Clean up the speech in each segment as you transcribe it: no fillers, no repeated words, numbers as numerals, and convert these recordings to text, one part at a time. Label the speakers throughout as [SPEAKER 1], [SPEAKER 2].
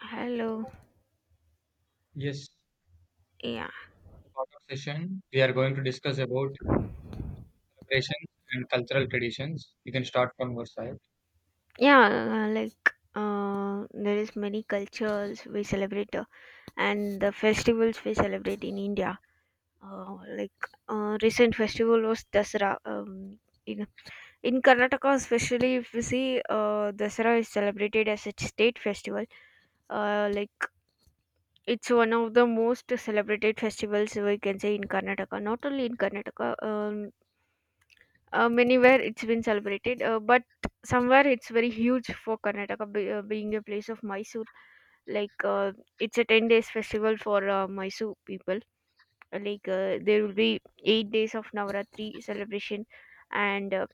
[SPEAKER 1] Hello.
[SPEAKER 2] Yes,
[SPEAKER 1] Yeah.
[SPEAKER 2] on the part session, we are going to discuss about preparations and cultural traditions. You can start from your side.
[SPEAKER 1] Yeah, like there is many cultures we celebrate and the festivals we celebrate in India. Like recent festival was Dasara. In Karnataka especially if you see Dasara is celebrated as a state festival. Like it's one of the most celebrated festivals we can say in Karnataka. Not only in Karnataka, many where it's been celebrated but somewhere it's very huge for karnataka being a place of mysore like it's a 10 days festival for mysore people. There will be 8 days of navaratri celebration, and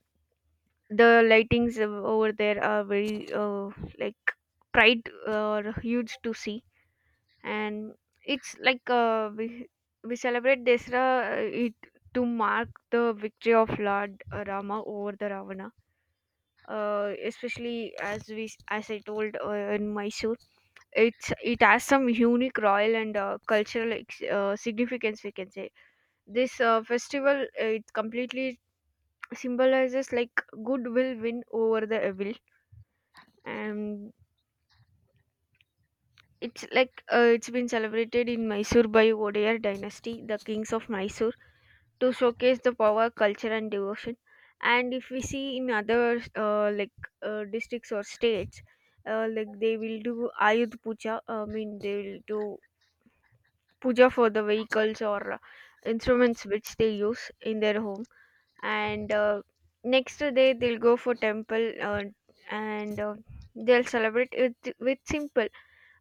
[SPEAKER 1] the lightings over there are very uh, like pride, huge to see. And it's like we celebrate Desra it to mark the victory of Lord Rama over the Ravana, especially as I told, in Mysore, it has some unique royal and cultural significance, we can say. This festival, it completely symbolizes, like, good will win over the evil, and it's like it's been celebrated in Mysore by Odeir dynasty, the kings of Mysore, to showcase the power, culture, and devotion. And if we see in other districts or states, like they will do Ayud Puja. I mean, they will do puja for the vehicles or instruments which they use in their home. And next day they'll go for temple and they'll celebrate it with simple.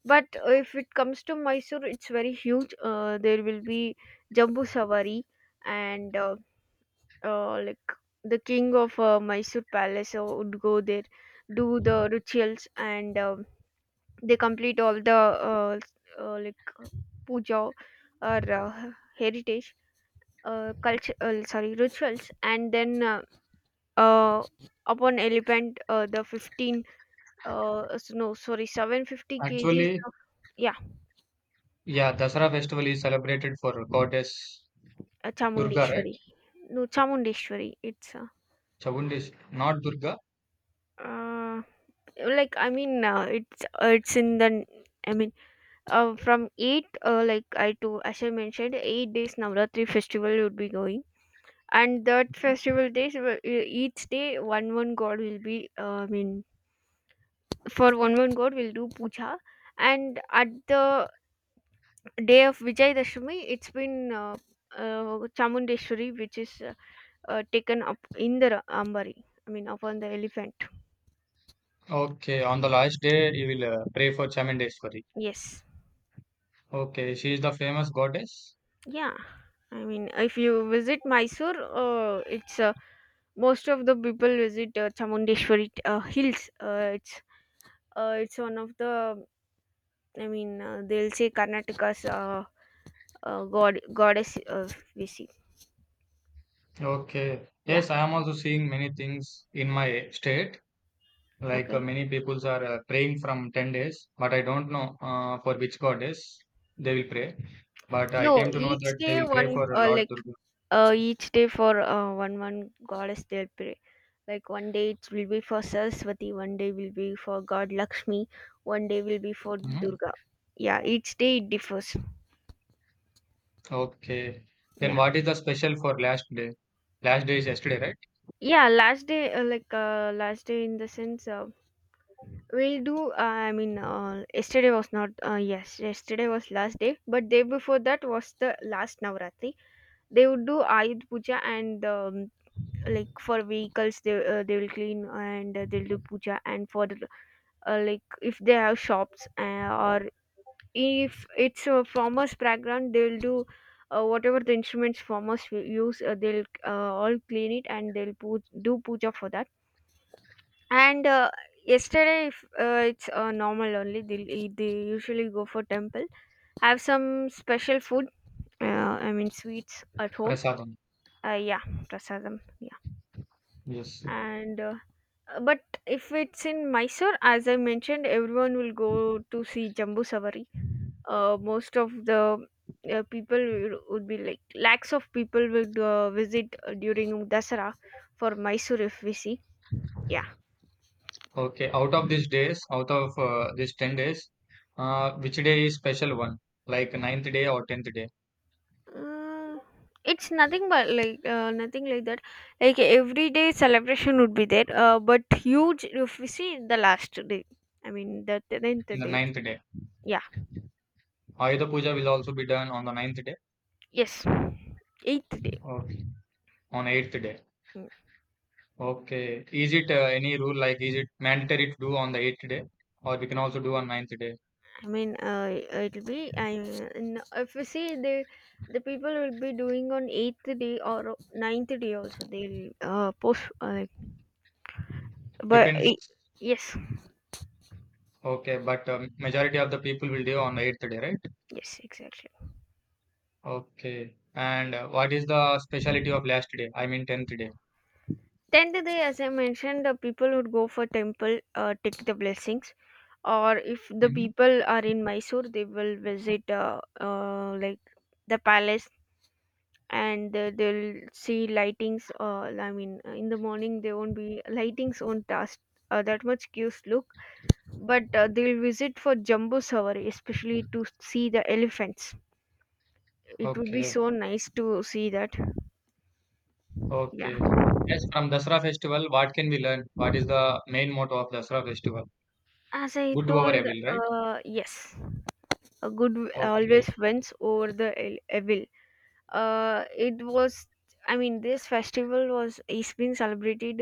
[SPEAKER 1] But if it comes to Mysore, it's very huge. There will be Jambu Savari and uh, like the king of Mysore palace would go there, do the rituals, and they complete all the uh, uh, like uh, puja or heritage culture. Sorry, rituals, and then uh, upon elephant, the 15, no, sorry, 750 kgs
[SPEAKER 2] Actually,
[SPEAKER 1] of. Yeah.
[SPEAKER 2] yeah, Dasara festival is celebrated for goddess Durga, right?
[SPEAKER 1] Chamundeshwari. No, Chamundeshwari. It's
[SPEAKER 2] Chavundis, not Durga.
[SPEAKER 1] uh, it's in the. I mean. From eight, like I to as I mentioned, 8 days Navratri festival would be going, and that festival days each day one god will be. I mean, for one god we'll do puja, and at the day of Vijayadashami, it's been Chamundeshwari, which is taken up in the ambari. I mean, upon the elephant.
[SPEAKER 2] Okay, on the last day, you will pray for Chamundeswari.
[SPEAKER 1] Yes.
[SPEAKER 2] Okay, she is the famous goddess.
[SPEAKER 1] Yeah. I mean, if you visit Mysore, it's a most of the people visit Chamundeshwari hills. It's one of the, I mean, they'll say Karnataka's god goddess, we see.
[SPEAKER 2] Okay,
[SPEAKER 1] Yeah.
[SPEAKER 2] yes, I am also seeing many things in my state. Like
[SPEAKER 1] Okay.
[SPEAKER 2] many peoples are praying from 10 days, but I don't know for which goddess they will pray. But I
[SPEAKER 1] No,
[SPEAKER 2] came to know
[SPEAKER 1] each
[SPEAKER 2] that they
[SPEAKER 1] day
[SPEAKER 2] will pray for
[SPEAKER 1] one uh,
[SPEAKER 2] Lord
[SPEAKER 1] like
[SPEAKER 2] Durga.
[SPEAKER 1] uh, each day for one goddess they'll pray. Like one day it will be for Saraswati, one day will be for God Lakshmi, one day will be for
[SPEAKER 2] Hmm.
[SPEAKER 1] Durga. Yeah, each day it differs.
[SPEAKER 2] Okay. Then
[SPEAKER 1] Yeah
[SPEAKER 2] what is the special for last day? Last day is yesterday, right?
[SPEAKER 1] yeah last day, last day in the sense. We do. I mean, yesterday was not. Yes, yesterday was last day, but day before that was the last Navratri. They would do Ayud Puja and, like, for vehicles, they will clean and they'll do puja, and for the, like, if they have shops or if it's a farmer's background, they'll do. Whatever the instruments farmers will use, they'll all clean it and they'll do puja for that. And yesterday, if, it's normal only. They usually go for temple. Have some special food. I mean, sweets at home.
[SPEAKER 2] Prasadam.
[SPEAKER 1] Yeah, prasadam. Yeah,
[SPEAKER 2] Yes.
[SPEAKER 1] and but if it's in Mysore, as I mentioned, everyone will go to see Jambu Savari. Most of the people would be like lakhs of people will visit during Dasara for Mysore if we see. Yeah.
[SPEAKER 2] Okay. Out of these days, out of these 10 days, which day is special one? Like ninth day or 10th day?
[SPEAKER 1] Mm, it's nothing but like nothing like that. Like, everyday celebration would be there, but huge. If we see the last day, I mean the tenth
[SPEAKER 2] In the
[SPEAKER 1] day.
[SPEAKER 2] ninth day.
[SPEAKER 1] Yeah,
[SPEAKER 2] Ayuda Puja will also be done on the ninth day.
[SPEAKER 1] yes, eighth day.
[SPEAKER 2] Okay. On eighth day.
[SPEAKER 1] Mm,
[SPEAKER 2] Okay. Is it any rule like is it mandatory to do on the eighth day or we can also do on ninth day?
[SPEAKER 1] I mean, it'll be. I n- if we see the people will be doing on eighth day or ninth day also. They'll post, but
[SPEAKER 2] Depends.
[SPEAKER 1] yes,
[SPEAKER 2] Okay, but majority of the people will do on the eighth day, right?
[SPEAKER 1] yes, exactly.
[SPEAKER 2] Okay. And what is the speciality of last day? I mean tenth day.
[SPEAKER 1] 10th day, as I mentioned, the people would go for temple, take the blessings, or if the
[SPEAKER 2] Hmm.
[SPEAKER 1] people are in Mysore, they will visit the palace, and they'll see lightings. I mean, in the morning they won't be lightings won't task that much cues look, but they'll visit for Jumbo Savari, especially to see the elephants. It would be
[SPEAKER 2] Okay.
[SPEAKER 1] so nice to see that. Yeah,
[SPEAKER 2] Okay. Yes, from Dasara festival, what can we learn? What is the main motto of Dasara festival?
[SPEAKER 1] as I
[SPEAKER 2] Good over
[SPEAKER 1] told,
[SPEAKER 2] evil, right?
[SPEAKER 1] yes, a good
[SPEAKER 2] Okay.
[SPEAKER 1] always wins over the evil. It was, I mean, this festival was is being celebrated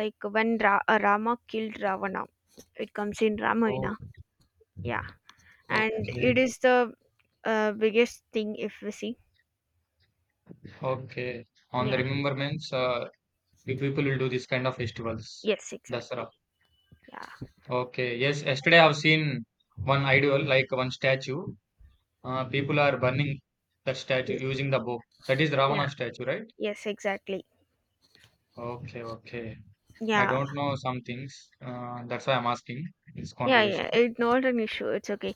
[SPEAKER 1] like when rama killed ravana. It comes in ramayana.
[SPEAKER 2] Oh,
[SPEAKER 1] Yeah. And it
[SPEAKER 2] okay.
[SPEAKER 1] is the biggest thing if we see.
[SPEAKER 2] Okay. On the
[SPEAKER 1] Yeah,
[SPEAKER 2] remembrance, you people will do this kind of festivals,
[SPEAKER 1] yes, exactly.
[SPEAKER 2] Dasara.
[SPEAKER 1] Yeah.
[SPEAKER 2] Okay, yes, yesterday I've seen one idol, like one statue. People are burning that statue
[SPEAKER 1] Yes.
[SPEAKER 2] using the bow. That is
[SPEAKER 1] Yeah.
[SPEAKER 2] Ravana statue, right?
[SPEAKER 1] Yes, exactly.
[SPEAKER 2] Okay, okay. I
[SPEAKER 1] Yeah,
[SPEAKER 2] don't know some things. That's why I'm asking this
[SPEAKER 1] yeah, yeah,
[SPEAKER 2] conversation.
[SPEAKER 1] it's not an issue, it's okay.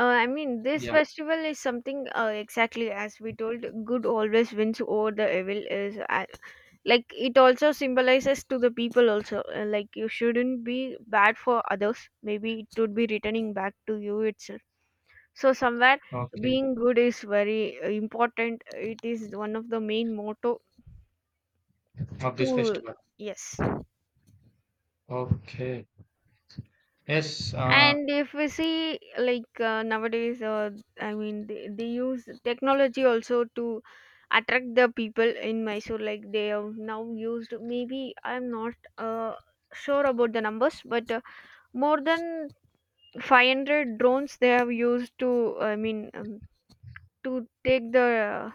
[SPEAKER 1] I mean, this
[SPEAKER 2] Yeah,
[SPEAKER 1] festival is something, exactly as we told, good always wins over the evil, is, like. It also symbolizes to the people also, like, you shouldn't be bad for others, maybe it would be returning back to you itself. So somewhere
[SPEAKER 2] okay.
[SPEAKER 1] being good is very important. It is one of the main motto
[SPEAKER 2] Of this
[SPEAKER 1] to,
[SPEAKER 2] festival.
[SPEAKER 1] yes,
[SPEAKER 2] Okay. Yes,
[SPEAKER 1] and if we see, like, nowadays, I mean, they use technology also to attract the people in mysore, like they have now used. Maybe I'm not sure about the numbers, but more than 500 drones they have used to, I mean, to take the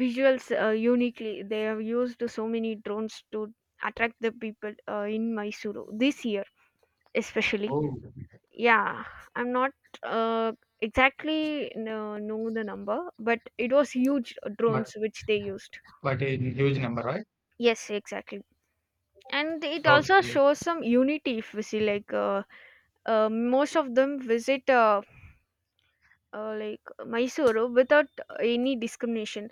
[SPEAKER 1] visuals uniquely. They have used so many drones to attract the people in mysuru this year especially.
[SPEAKER 2] oh,
[SPEAKER 1] Yeah, I'm not uh, exactly no, know the number, but it was huge
[SPEAKER 2] but
[SPEAKER 1] drones which they used.
[SPEAKER 2] but in huge number, right?
[SPEAKER 1] Yes, exactly. And it also
[SPEAKER 2] Okay.
[SPEAKER 1] shows some unity if we see, like, most of them visit Mysore without any discrimination,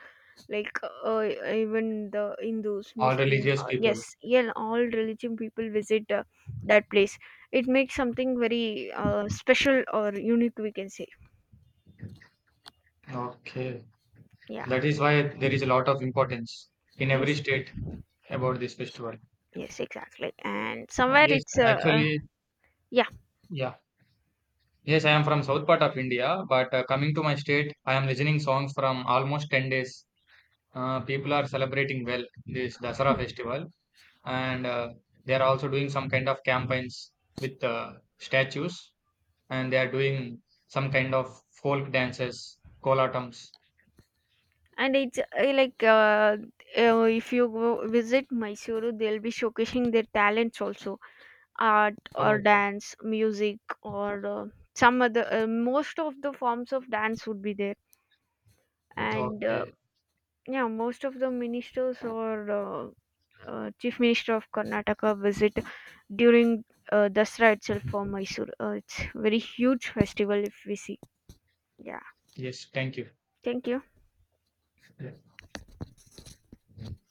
[SPEAKER 1] like, even the Hindus,
[SPEAKER 2] All
[SPEAKER 1] Muslim,
[SPEAKER 2] religious people.
[SPEAKER 1] yes, yeah, all religion people visit that place. It makes something very special or unique, we can say.
[SPEAKER 2] Okay.
[SPEAKER 1] Yeah.
[SPEAKER 2] That is why there is a lot of importance in every
[SPEAKER 1] Yes.
[SPEAKER 2] state about this festival.
[SPEAKER 1] Yes, exactly. And somewhere
[SPEAKER 2] Yes,
[SPEAKER 1] it's
[SPEAKER 2] actually,
[SPEAKER 1] yeah,
[SPEAKER 2] yeah. Yes, I am from south part of India, but coming to my state, I am listening songs from almost 10 days. People are celebrating well this Dasara festival, and they are also doing some kind of campaigns with statues, and they are doing some kind of folk dances, kolatams.
[SPEAKER 1] and it's if you go visit Mysuru, they'll be showcasing their talents also, art or
[SPEAKER 2] Oh,
[SPEAKER 1] dance music or some other, most of the forms of dance would be there. And
[SPEAKER 2] okay.
[SPEAKER 1] yeah, most of the ministers or chief minister of karnataka visit during dasra itself for mysore. It's very huge festival if we see. Yeah,
[SPEAKER 2] Yes, thank you.
[SPEAKER 1] thank you.
[SPEAKER 2] Yeah.